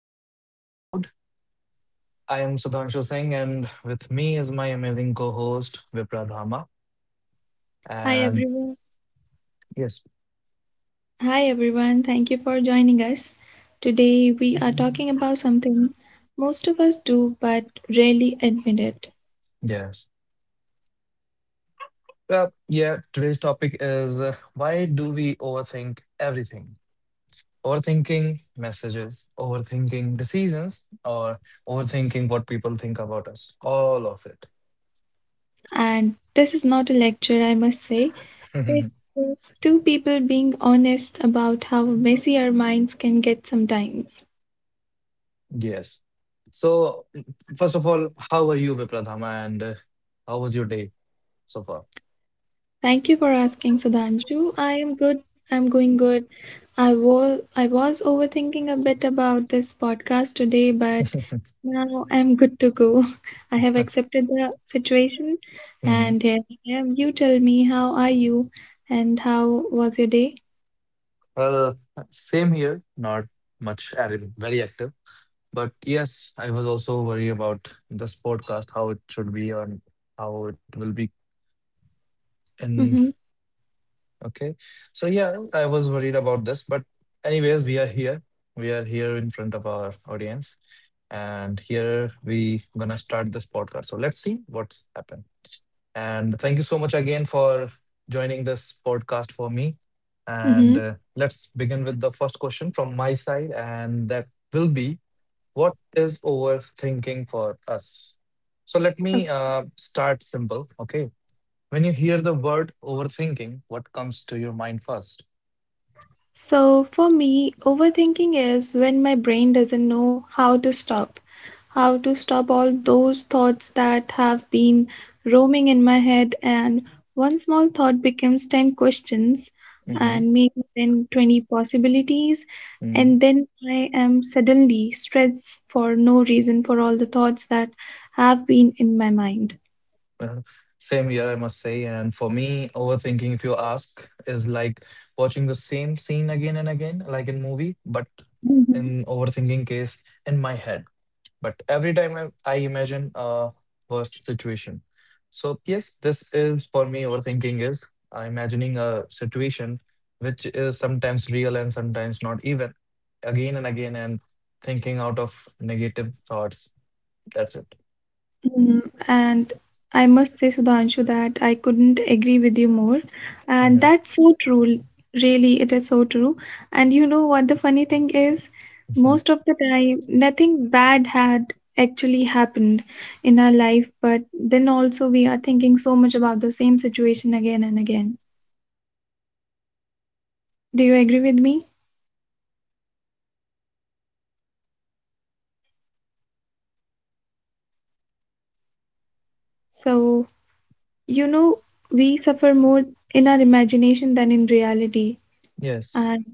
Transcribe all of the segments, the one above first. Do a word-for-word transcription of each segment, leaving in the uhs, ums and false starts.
to today's episode. I am Sudhanshu Singh, and with me is my amazing co-host Vipra Dharma. Hi And everyone. yes, Hi everyone. Thank you for joining us. Today we are talking about something most of us do but rarely admit it. yes, uh, yeah. Today's topic is uh, why do we overthink everything? Overthinking messages, overthinking decisions, or overthinking what people think about us. All of And this is not a lecture, I must say. it. It's two people being honest about how messy our minds can get sometimes. Yes. So, first of all, how are you, Vipra Dharma, and uh, how was your day so Thank you for asking, Sudhanshu. I am good. I'm going good. I was I was overthinking a bit about this podcast today, but now I'm good to go. I have far? accepted the situation, and here I am. You tell me, how are you, and how was your day? Well, same here. Not much, I very active. But yes, I was also worried about this podcast, how it should be and how it will be in. Mm-hmm. Okay. So yeah, I was worried about this. But anyways, we are here. We are here in front of our audience. And here we gonna start this podcast. So let's see what's happened. And thank you so much again for joining this podcast for me. Mm-hmm. And uh, let's begin with the first question from my side, and that will be, what is overthinking for us? So let me uh, start simple. Okay. When you hear the word overthinking, what comes to your mind So, for me, overthinking is when my brain doesn't know how to stop, how to stop all those thoughts that have been roaming in my head. And one small thought becomes ten questions and first? maybe then twenty possibilities. And then I am suddenly stressed for no reason for all the thoughts that have been in my mind. Uh, Same here, I must say. And for me, overthinking, if you ask, is like watching the same scene again and again, like in movie, but in overthinking case in my head. But every time I, I imagine a worst situation. So yes, this is for me, overthinking is uh, imagining a situation which is sometimes real and sometimes not, even again and again, and thinking out of negative thoughts. That's it. Hmm, and I must say, Sudhanshu, that I couldn't agree with you more. And Mhm. that's so true. Really, it is so true. And you know what the funny thing is? Most of the time, nothing bad had actually happened in our life, but then also we are thinking so much about the same situation again and again. Exactly. And we Do suffer you more agree in with our me? imagination than in reality, if you agree with this point. So, you know, we suffer more in our imagination than in reality. Yes.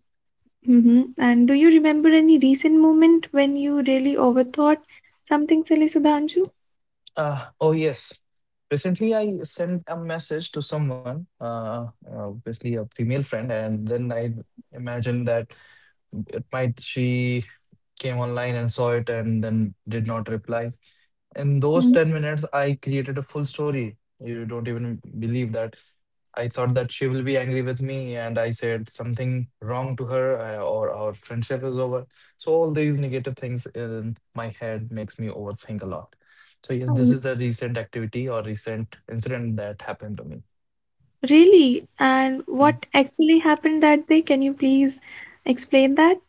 Mm-hmm. And do you remember any recent moment when you really overthought something silly, Sudhanshu? Uh, oh, yes. Recently, I sent a message to someone, uh, obviously a female friend, and then I imagined that it might, she came online and saw it and then did not reply. In Mm. those ten minutes, I created a full story. You don't even believe that. I thought that she will be angry with me, and I said something wrong to her, uh, or our friendship is over. So all these negative things in my head makes me overthink a lot. So yes, this Um, is the recent activity or recent incident that happened to me. Really? And Mm. what actually happened that day? Can you please explain that?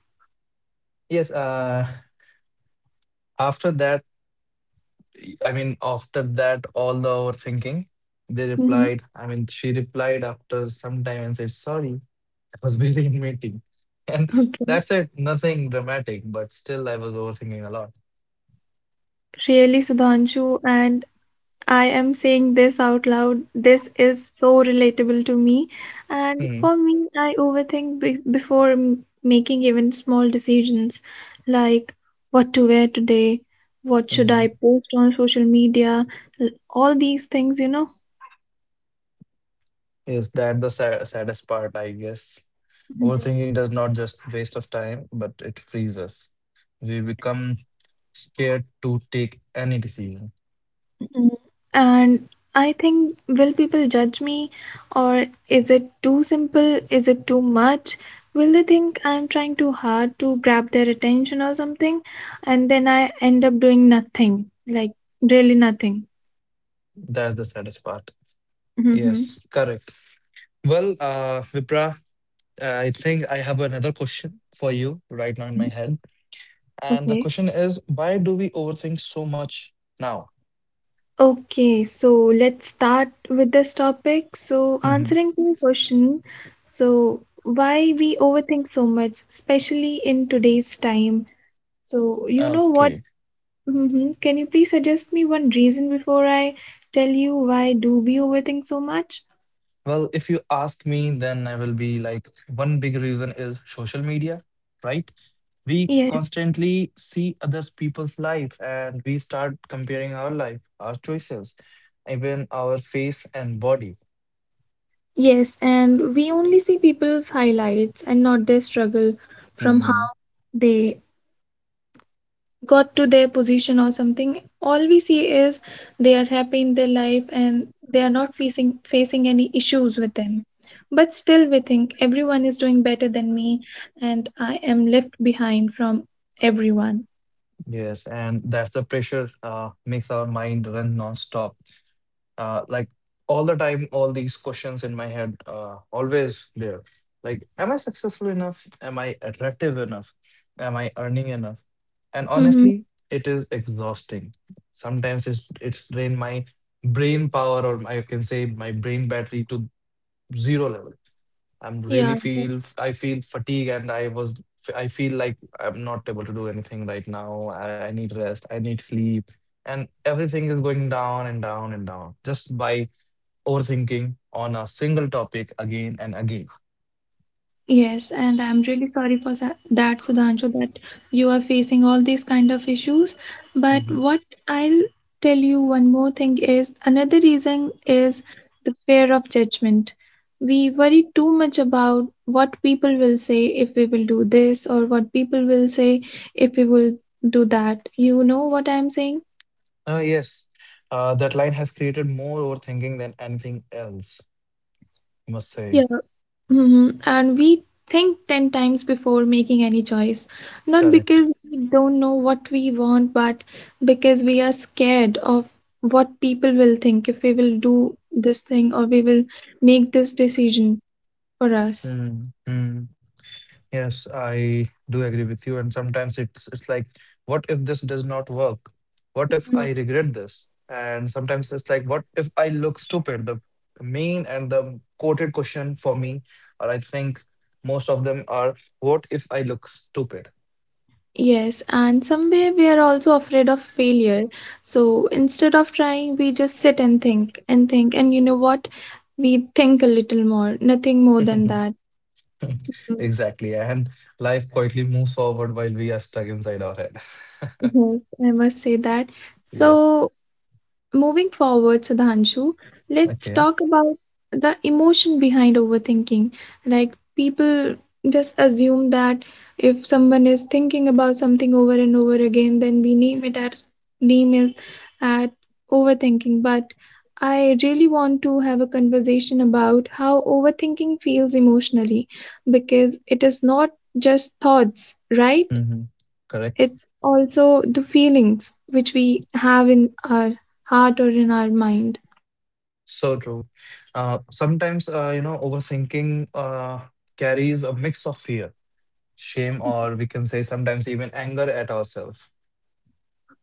Yes, uh, after that, I mean, after that, all the overthinking, they Mhm. replied, I mean, she replied after some time and said, sorry, I was busy in meeting. And Okay. that's it, nothing dramatic, but still I was overthinking a lot. Really, Sudhanshu. And I am saying this out loud. This is so relatable to me. And Hmm. for me, I overthink be- before m- making even small decisions like what to wear today, what should Hmm. I post on social media, l- all these things, you know. Yes, that the sad, saddest part, I guess. Overthinking does not just waste of time, but it frees us. We become scared to take any decision. Mm, and I think, will people judge me? Or is it too simple? Is it too much? Will they think I'm trying too hard to grab their attention or something? And then I end up doing nothing, like really nothing. That's the saddest part. Mm-hmm. Yes, correct. Well, uh, Vipra, I think I have another question for you right now in my head. And the Okay. question is, why do we overthink so much now? Okay, so let's start with this topic. So, Hmm. answering to your question, so why we overthink so much, especially in today's time. So, you know what? Okay. Hmm, can you please suggest me one reason before I tell you why do we overthink so much? Well, if you ask me, then I will be like, one big reason is social media, right? We Yes, constantly see others people's life and we start comparing our life, our choices, even our face and body. yes, and we only see people's highlights and not their struggle from Mm, how they got to their position or something. All we see is they are happy in their life and they are not facing facing any issues with them. But still we think everyone is doing better than me and I am left behind from everyone. yes, and that's the pressure uh, makes our mind run nonstop. uh, like all the time, all these questions in my head, uh, always there, like, am I successful enough, am I attractive enough, am I earning enough, and Mm-hmm. honestly, it is exhausting. Sometimes it's it's drained my brain power, or I can say my brain battery to zero level. i'm Yeah, really feel i feel fatigue and i was i feel like I'm not able to do anything right now. I, I need rest, I need sleep, and everything is going down and down and down just by overthinking on a single topic again and again. yes, and I'm really sorry for sa- that, Sudhanshu, that you are facing all these kind of issues. But Mhm. what I'll tell you one more thing is another reason is the fear of judgment. We worry too much about what people will say if we will do this or what people will say if we will do that. You know what I'm saying? Uh, yes, uh, that line has created more overthinking than anything else, I must say. Mhm. And we think ten times before making any choice. Not Correct. because we don't know what we want, but because we are scared of what people will think if we will do this thing or we will make this decision for us. Mm. Mm. Yes, I do agree with you. And sometimes it's it's like, what if this does not work? What if I Mhm. regret this? And sometimes it's like, what if I look stupid? The main and the quoted question for me, or I think most of them are, what if I look stupid? Yes, and somewhere we are also afraid of failure. So instead of trying, we just sit and think and think. And you know what? We think a little more, nothing more than that. Mhm. Exactly. And life quietly moves forward while we are stuck inside our head. Yes, I must say that. Yes. So, moving forward, Sudhanshu, let's Okay. talk about the emotion behind overthinking. Like people just assume that if someone is thinking about something over and over again, then we name it as name is at overthinking. But I really want to have a conversation about how overthinking feels emotionally because it is not just thoughts, right? Hmm. Correct. It's also the feelings which we have in our heart or in our mind. So true. Uh, sometimes, uh, you know, overthinking uh, carries a mix of fear, shame, or we can say sometimes even anger at ourselves.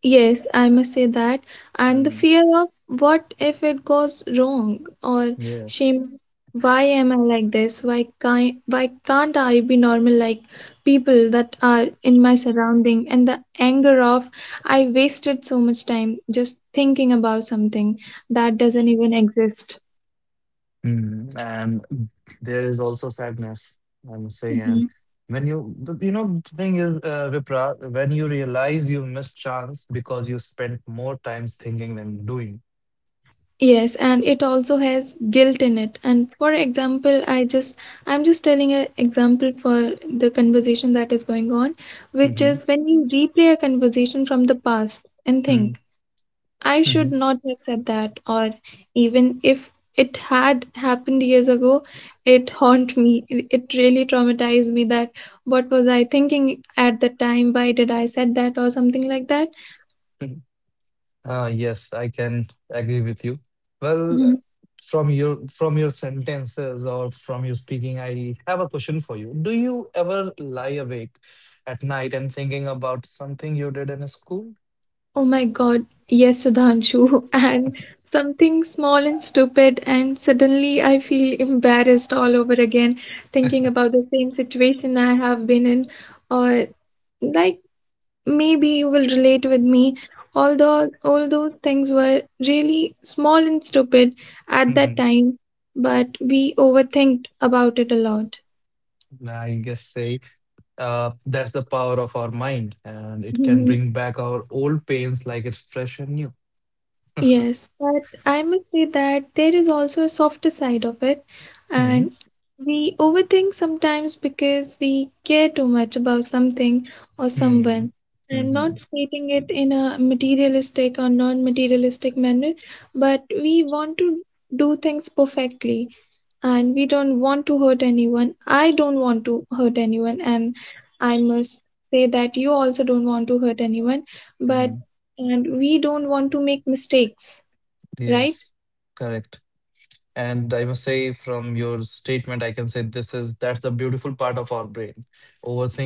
Yes, I must say that. And the Mm, fear of what if it goes wrong or yes. shame. Why am I like this? Why can't, why can't I be normal like people that are in my surrounding? And the anger of I wasted so much time just thinking about something that doesn't even exist. Mm, and there is also sadness, I must say. And Mhm. when you, the, you know, the thing is, uh, Vipra, when you realize you missed chance because you spent more times thinking than doing. Yes, and it also has guilt in it. And for example, I just I'm just telling an example for the conversation that is going on, which Hmm. is when you replay a conversation from the past and Mm. think, I Mhm, should not have said that, or even if it had happened years ago, it haunt me. It it really traumatized me that what was I thinking at the time? Why did I said that or something like that? mhm. Uh, yes, I can agree with you. Well, uh, from your from your sentences or from your speaking, I have a question for you. Do you ever lie awake at night and thinking about something you did in school? Oh my god, yes, Sudhanshu. And something small and stupid, and suddenly I feel embarrassed all over again thinking about the same situation I have been in, or like maybe you will relate with me. Although all those things were really small and stupid at that Mhm. time, but we overthinked about it a lot. I guess say uh, that's the power of our mind, and it can bring back our old pains like it's fresh and new. Yes, but I must say that there is also a softer side of it, Hmm. and we overthink sometimes because we care too much about something or Hmm. Mm-hmm. someone. And Mm-hmm. not stating it in a materialistic or non-materialistic manner, but we want to do things perfectly and we don't want to hurt anyone. I don't want to hurt anyone, and I must say that you also don't want to hurt anyone, but Hmm. and we don't want to make mistakes, right? Yes, correct. And I must say, from your statement, I can say this is, that's the beautiful part of our brain.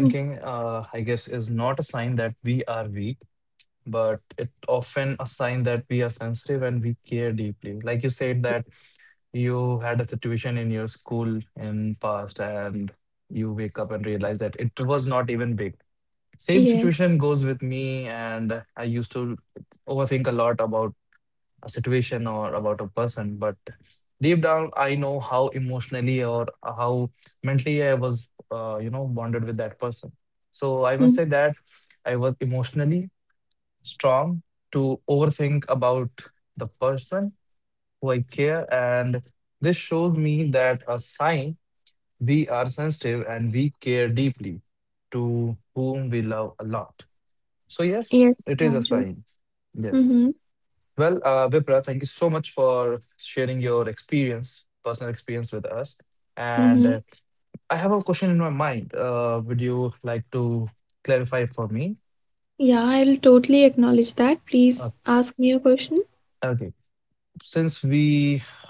Mm. uh, I guess, is not a sign that we are weak, but it often a sign that we are sensitive and we care deeply. Like you said that you had a situation in your school in past and you wake up and realize that it was not even big, same Yes, situation goes with me, and I used to overthink a lot about a situation or about a person. But deep down, I know how emotionally or how mentally I was, uh, you know, bonded with that person. So I must mm, say that I was emotionally strong to overthink about the person who I care, and this showed me that a sign we are sensitive and we care deeply to whom we love a lot. So yes, yes, it is a Ranju. sign. Yes. Mm-hmm. Well, uh Vipra, thank you so much for sharing your experience, personal experience, with us. And Mm-hmm. uh, I have a question in my mind. uh would you like to clarify for me? Yeah, I'll totally acknowledge that. uh, Please ask me a question. okay. Since we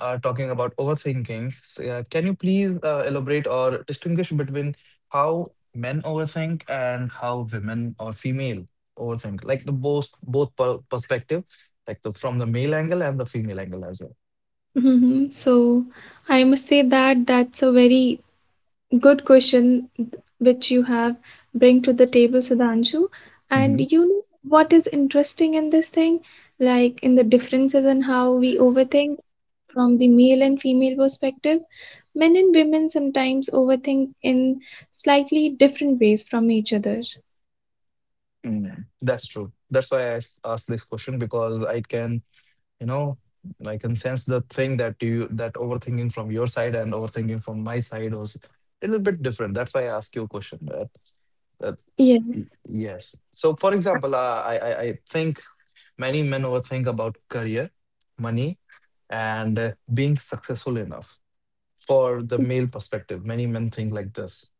are talking about overthinking, s- uh, can you please uh, elaborate or distinguish between how men overthink and how women or female overthink, like the both both per perspective, like the from the male angle and the female angle as well. Mm-hmm. So I must say that that's a very good question which you have bring to the table, Sudhanshu. And Mhm. you know what is interesting in this thing, like in the differences in how we overthink from the male and female perspective, men and women sometimes overthink in slightly different ways from each other. Mm. That's true. That's why I s- asked this question, because I can, you know, I can sense the thing that you, that overthinking from your side and overthinking from my side was a little bit different. That's why I ask you a question. That, Y- Yes, yes. So, for example, uh, I, I I think many men overthink about career, money, and uh, being successful enough. For the male perspective, many men think like this.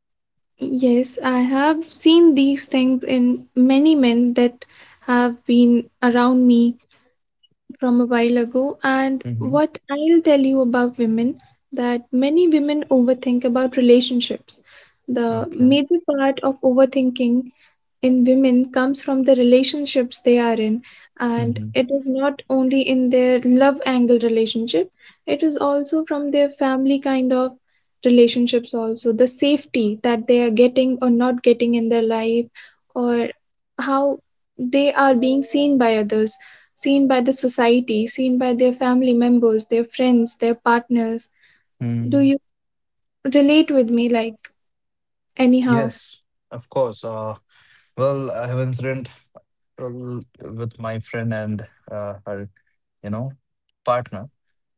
yes, I have seen these things in many men that have been around me from a while ago. And Hmm. what I'll tell you about women, that many women overthink about relationships. The Okay. major part of overthinking in women comes from the relationships they are in, and Hmm. it is not only in their love angle relationship, it is also from their family kind of relationships, also the safety that they are getting or not getting in their life, or how they are being seen by others, seen by the society, seen by their family members, their friends, their partners. Do Mm. you relate with me like anyhow? Yes, of course. Uh, well, I haven't travel with my friend and uh, her, you know, partner,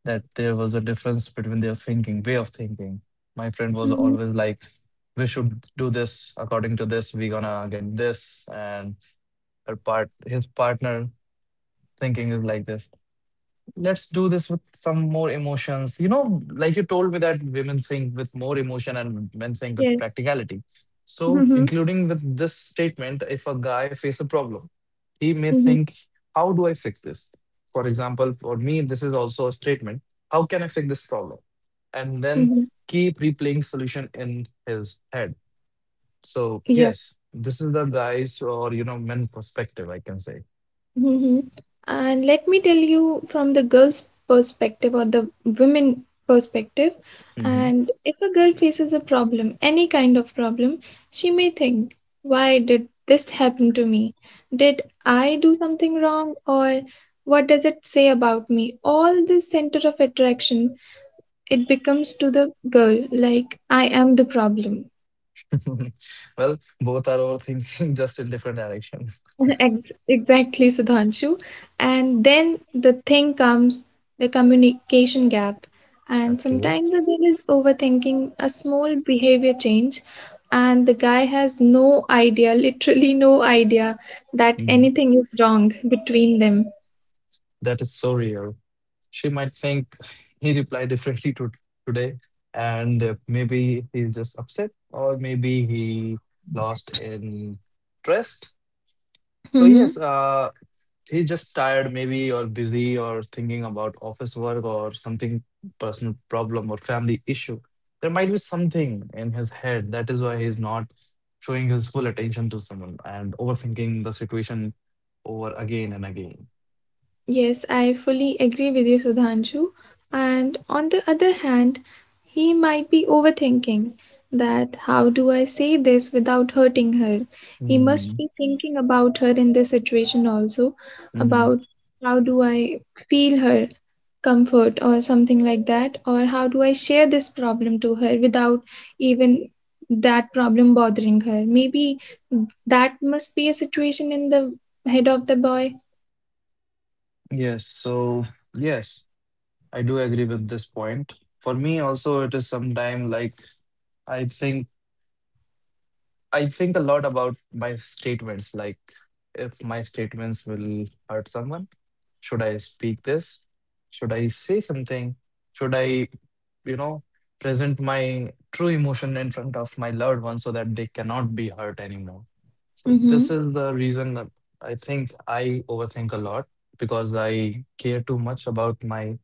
that there was a difference between their thinking, way of thinking. My friend was Mm-hmm. always like, we should do this according to this, we gonna get this. And her part, his partner thinking is like this. Let's do this with some more emotions. You know, like you told me that women sing with more emotion and men sing with Yes. practicality. So, Mm-hmm. including with this statement, if a guy face a problem, he may Mm-hmm. think, "How do I fix this?" For example, for me, this is also a statement: "How can I fix this problem?" And then Mm-hmm. keep replaying solution in his head. So, yes, this is the guys, or you know, men perspective, I can say. Mhm. And let me tell you from the girl's perspective or the women perspective. Mm-hmm. And if a girl faces a problem, any kind of problem, she may think, why did this happen to me? Did I do something wrong? Or what does it say about me? All this center of attraction, it becomes to the girl like, I am the problem. Well, both are overthinking just in different direction. Ex- Exactly, Sudhanshu. And then the thing comes the communication gap. And Okay. sometimes the girl is overthinking a small behavior change, and the guy has no idea, literally no idea, that Mhm. anything is wrong between them. That is so real. She might think he replied differently to today, and uh, maybe he's just upset, or maybe he lost interest. So yes, uh, he's just tired, maybe, or busy, or thinking about office work or something, personal problem or family issue. There might be something in his head. That is why he's not showing his full attention to someone and overthinking the situation over again and again. Yes, I fully agree with you, Sudhanshu. And on the other hand, he might be overthinking that how do I say this without hurting her? He must Mm. be thinking about her in this situation also, Hmm. about how do I feel her comfort or something like that, or how do I share this problem to her without even that problem bothering her. Maybe that must be a situation in the head of the boy. Yes. So, yes, I do agree with this point. For me, also, it is sometime like, I think I think a lot about my statements, like if my statements will hurt someone, should I speak this? Should I say something? Should I, you know, present my true emotion in front of my loved ones so that they cannot be hurt anymore? So this Mm-hmm. is the reason that I think I overthink a lot, because I care too much about my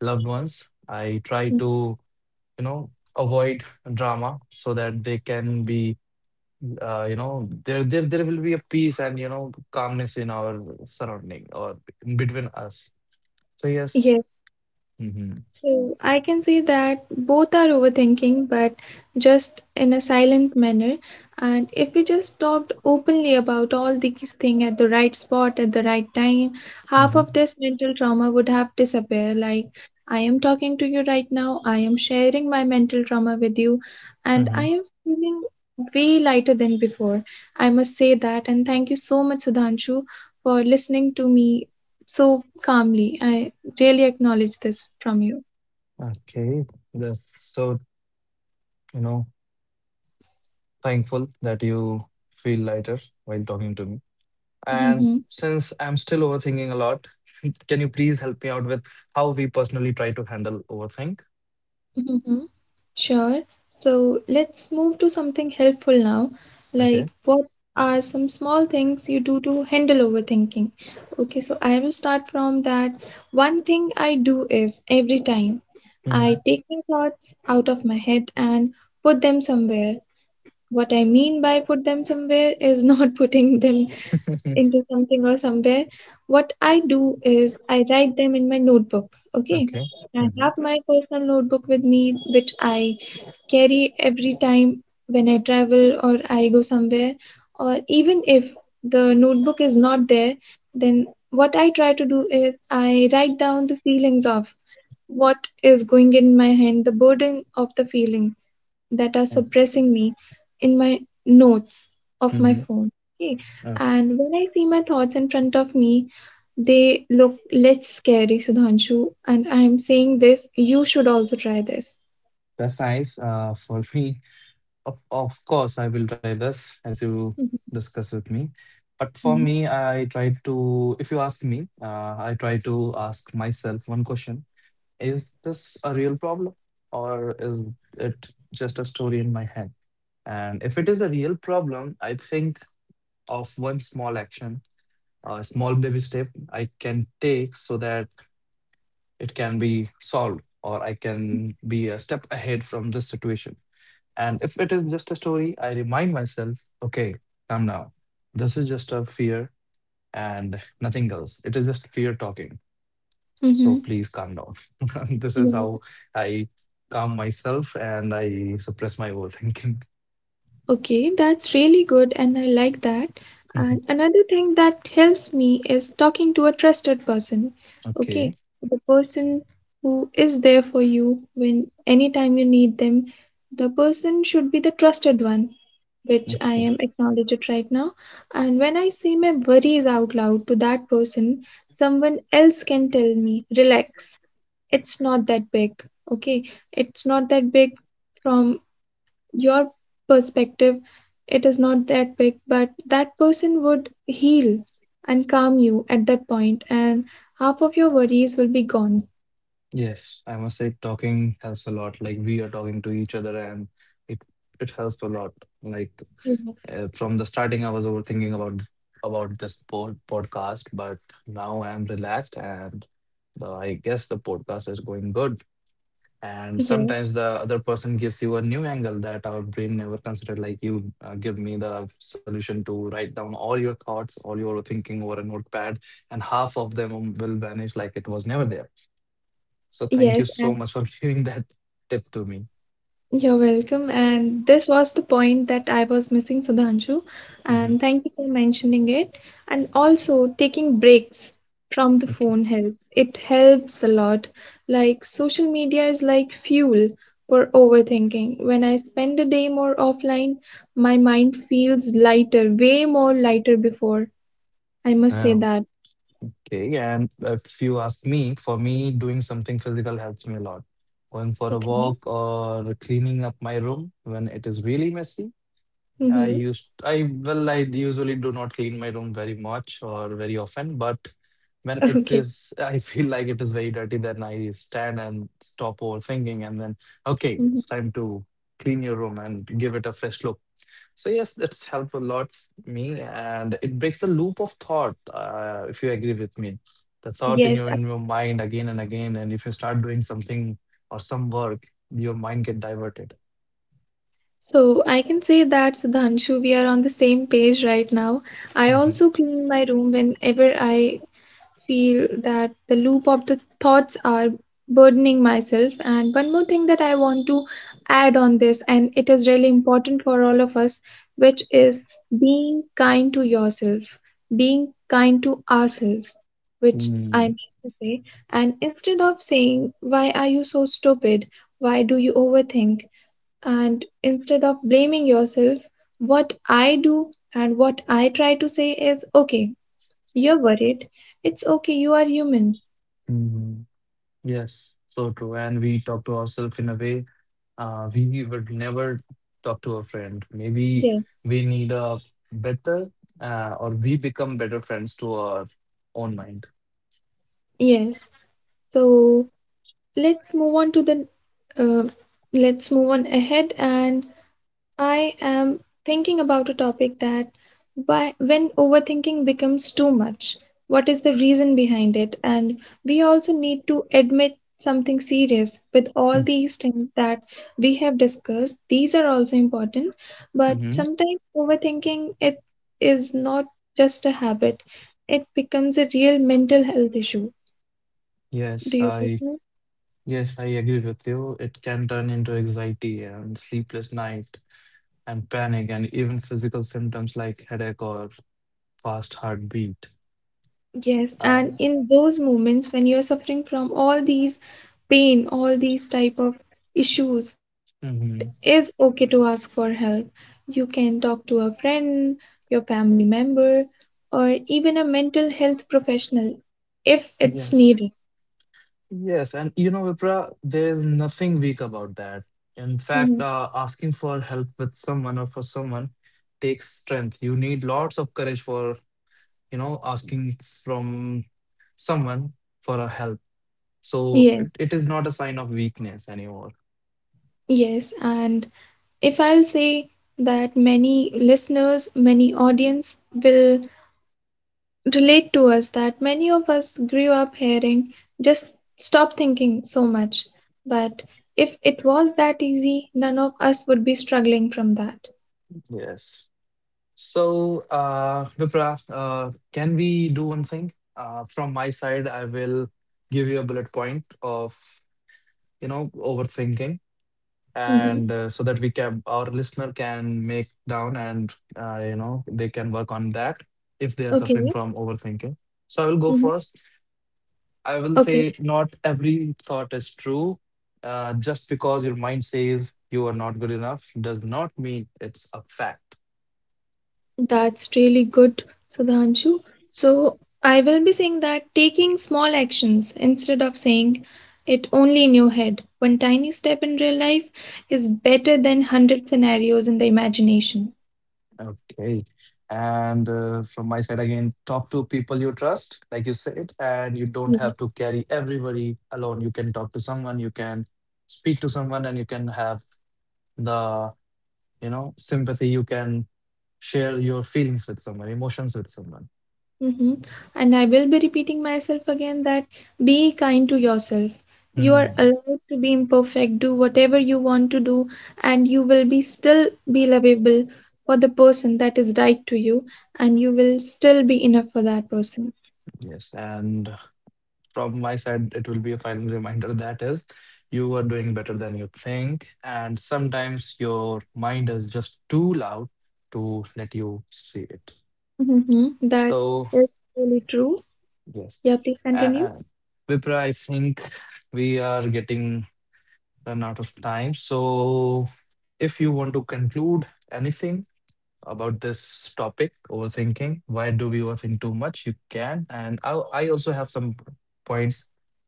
loved ones. I try to, you know, avoid drama so that they can be, uh, you know, there there there will be a peace and you know calmness in our surrounding or in between us. So yes. Yeah, Mm-hmm. so I can say that both are overthinking, but just in a silent manner. And if we just talked openly about all these things at the right spot, at the right time, half of Mm-hmm. this mental trauma would have disappeared. Like I am talking to you right now, I am sharing my mental trauma with you, and Mm-hmm. I am feeling way lighter than before. I must say that, and thank you so much, Sudhanshu, for listening to me so calmly. I really acknowledge this from you. Okay, that's, so, you know, thankful that you feel lighter while talking to me. And Mm-hmm. since I'm still overthinking a lot, can you please help me out with how we personally try to handle overthink? Mm-hmm. Sure. So let's move to something helpful now. Okay. Like, what are some small things you do to handle overthinking? Okay, so I will start from that. One thing I do is every time Mm-hmm. I take my thoughts out of my head and put them somewhere. What I mean by put them somewhere is not putting them into something or somewhere, what I do is I write them in my notebook. Okay. Okay. I Mm-hmm. have my personal notebook with me, which I carry every time when I travel or I go somewhere. Or even if the notebook is not there, then what I try to do is I write down the feelings of what is going in my hand, the burden of the feeling that are suppressing me in my notes of my Mm-hmm. phone. Okay. Okay, And when I see my thoughts in front of me, they look less scary, Sudhanshu. And I'm saying this, you should also try this. that's nice. Uh, for me, Of, of course, I will try this as you discuss with me. But for Mhm. me, I try to, if you ask me, uh, I try to ask myself one question. Is this a real problem, or is it just a story in my head? And if it is a real problem, I think of one small action, a small baby step I can take so that it can be solved, or I can be a step ahead from this situation. And if it is just a story, I remind myself, okay, calm now, this is just a fear and nothing else, it is just fear talking. So Mm-hmm. please calm down. This is Yeah. how I calm myself and I suppress my overthinking. Okay, that's really good, and I like that. Mhm. And another thing that helps me is talking to a trusted person. Okay. Okay, the person who is there for you when anytime you need them, the person should be the trusted one, which I Okay. am acknowledged right now. And when I say my worries out loud to that person, someone else can tell me, relax, it's not that big. Okay, it's not that big from your perspective, it is not that big, but that person would heal and calm you at that point, and half of your worries will be gone. Yes, I must say talking helps a lot. Like we are talking to each other and it it helps a lot. Like, Yes. Uh, from the starting, I was overthinking about about this pod- podcast, but now I am relaxed, and uh, I guess the podcast is going good. And Yes. sometimes the other person gives you a new angle that our brain never considered. Like you, uh, give me the solution to write down all your thoughts, all your thinking over a notepad, and half of them will vanish like it was never there. So thank you yes so and much for giving that tip to me. You're welcome. And this was the point that I was missing, Sudhanshu. Hmm. And thank you for mentioning it. And also, taking breaks from the Okay. phone helps. It helps a lot. Like, social media is like fuel for overthinking. When I spend a day more offline, my mind feels lighter, way more lighter before. I must say Now, that. okay, and if you ask me, for me, doing something physical helps me a lot. Going for a Okay. walk or cleaning up my room when it is really messy. I Mm-hmm. used, I well, I usually do not clean my room very much or very often, but when it Okay. is, I feel like it is very dirty, then I stand and stop overthinking, and then, okay, it's Hmm. time to clean your room and give it a fresh look. So yes, that's helped a lot for me, and it breaks the loop of thought. Uh, if you agree with me, the thought in Yes. your in your mind again and again, and if you start doing something or some work, your mind get diverted. So I can say that, Sudhanshu, we are on the same page right now. I Mhm. also clean my room whenever I feel that the loop of the thoughts are burdening myself. And one more thing that I want to add on this, and it is really important for all of us, which is being kind to yourself, being kind to ourselves, which I Mm, mean to say. And instead of saying, "Why are you so stupid? Why do you overthink?" And instead of blaming yourself, what I do and what I try to say is, okay, you're worried. It's okay, you are human. mhm. Yes, so true. And we talk to ourselves in a way uh, we would never talk to a friend. Maybe Yeah. we need a better, uh, or we become better friends to our own mind. Yes. So let's move on to the uh, let's move on ahead, and I am thinking about a topic that by, when overthinking becomes too much, what is the reason behind it? And we also need to admit something serious with all these things that we have discussed. These are also important, but Mm-hmm. sometimes overthinking it is not just a habit. It becomes a real mental health issue. Yes, Do you I agree? Yes, I agree with you. It can turn into anxiety and sleepless night and panic and even physical symptoms like headache or fast heartbeat. Yes, Uh, and in those moments when you're suffering from all these pain, all these type of issues, and mhm. it is okay to ask for help. You can talk to a friend, your family member, or even a mental health professional if it's Yes. needed. Yes. And you know, Vipra, there's nothing weak about that. In fact, Mhm. uh, asking for help with someone or for someone takes strength. You need lots of courage for, you know, asking from someone for a help. So it, Yes, it is not a sign of weakness anymore. yes, and if I'll say that many listeners, many audience will relate to us, that many of us grew up hearing, just stop thinking so much. But if it was that easy, none of us would be struggling from that. Yes. So, uh, Vipra, uh, can we do one thing? Uh, from my side, I will give you a bullet point of, you know, overthinking, Mm-hmm. and uh, so that we can, our listener can make down and, uh, you know, they can work on that if they are suffering Okay. from overthinking. So I will go Mm-hmm. first. I will Okay. say not every thought is true. Uh, just because your mind says you are not good enough does not mean it's a fact. That's really good, Sudhanshu. So I will be saying that taking small actions instead of saying it only in your head. One tiny step in real life is better than one hundred scenarios in the imagination. Okay. And uh, from my side again, talk to people you trust, like you said, and you don't have to carry everybody alone. You can talk to someone, you can speak to someone, and you can have the, you know, sympathy. You can share your feelings with someone, emotions with someone. Mm-hmm. And I will be repeating myself again that be kind to yourself. You are Mm, allowed to be imperfect, do whatever you want to do, and you will be still be lovable for the person that is right to you, and you will still be enough for that person. yes. And from my side, it will be a final reminder that is, you are doing better than you think. And sometimes your mind is just too loud to let you see it. Mm-hmm. That So is really true. yes. Yeah, please continue. Uh, Vipra, I think we are getting run out of time. So, if you want to conclude anything about this topic, overthinking, why do we overthink too much? You can. And I, I also have some points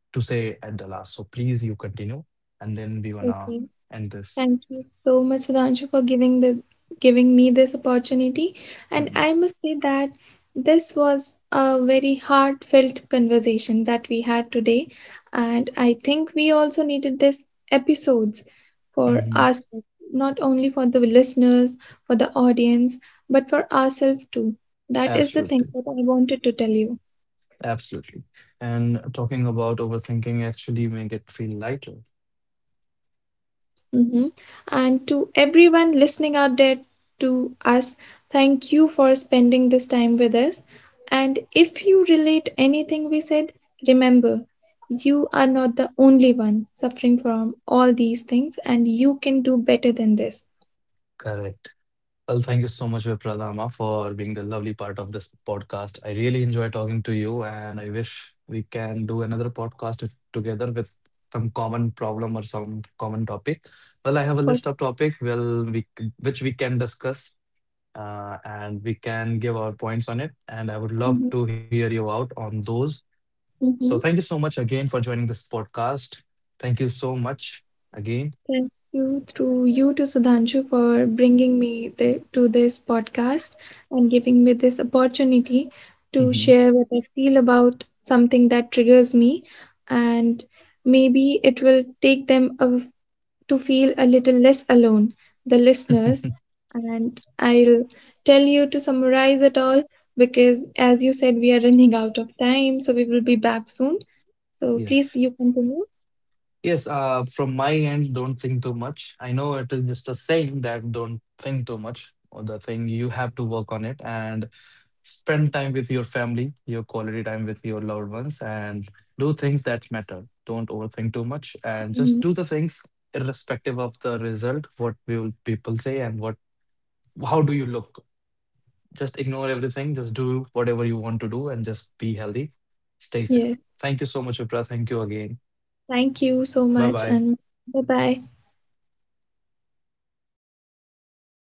to say at the last. So, please, you continue. And then we want to Okay. end this. Thank you so much, Sudhanshu, for giving with giving me this opportunity. And I must say that this was a very heartfelt conversation that we had today. And I think we also needed this episodes for Mm-hmm. us, not only for the listeners, for the audience, but for ourselves too. That is the thing Absolutely. that I wanted to tell you. Absolutely. And talking about overthinking actually make it feel lighter. Mm-hmm. And to everyone listening out there to us, thank you for spending this time with us. And if you relate anything we said, remember, you are not the only one suffering from all these things, and you can do better than this. Correct. Well, thank you so much, Vipradama, for being the lovely part of this podcast. I really enjoy talking to you, and I wish we can do another podcast if, together with some common problem or some common topic. Well, I have a What? list of topic well we c- which we can discuss, uh, and we can give our points on it. And I would love Mm-hmm. to hear you out on those. So, thank Mm-hmm. you so much again for joining this podcast. Thank you so much again. Thank you through you to Sudhanshu for bringing me the, to this podcast and giving me this opportunity to Mhm. share what I feel about something that triggers me, and maybe it will take them a, to feel a little less alone, the listeners. And I'll tell you to summarize it all because, as you said, we are running out of time, so we will be back soon. So please, Yes. you continue. Yes, uh, from my end, don't think too much. I know it is just a saying that don't think too much, or the thing you have to work on it and spend time with your family, your quality time with your loved ones, and do things that matter. Don't overthink too much and just Mhm. do the things irrespective of the result, what will people say and what how do you look. Just ignore everything, just do whatever you want to do and just be healthy. Stay safe. Yes. Thank you so much, Upra. Thank you again. Thank you so Bye much, bye. and bye bye.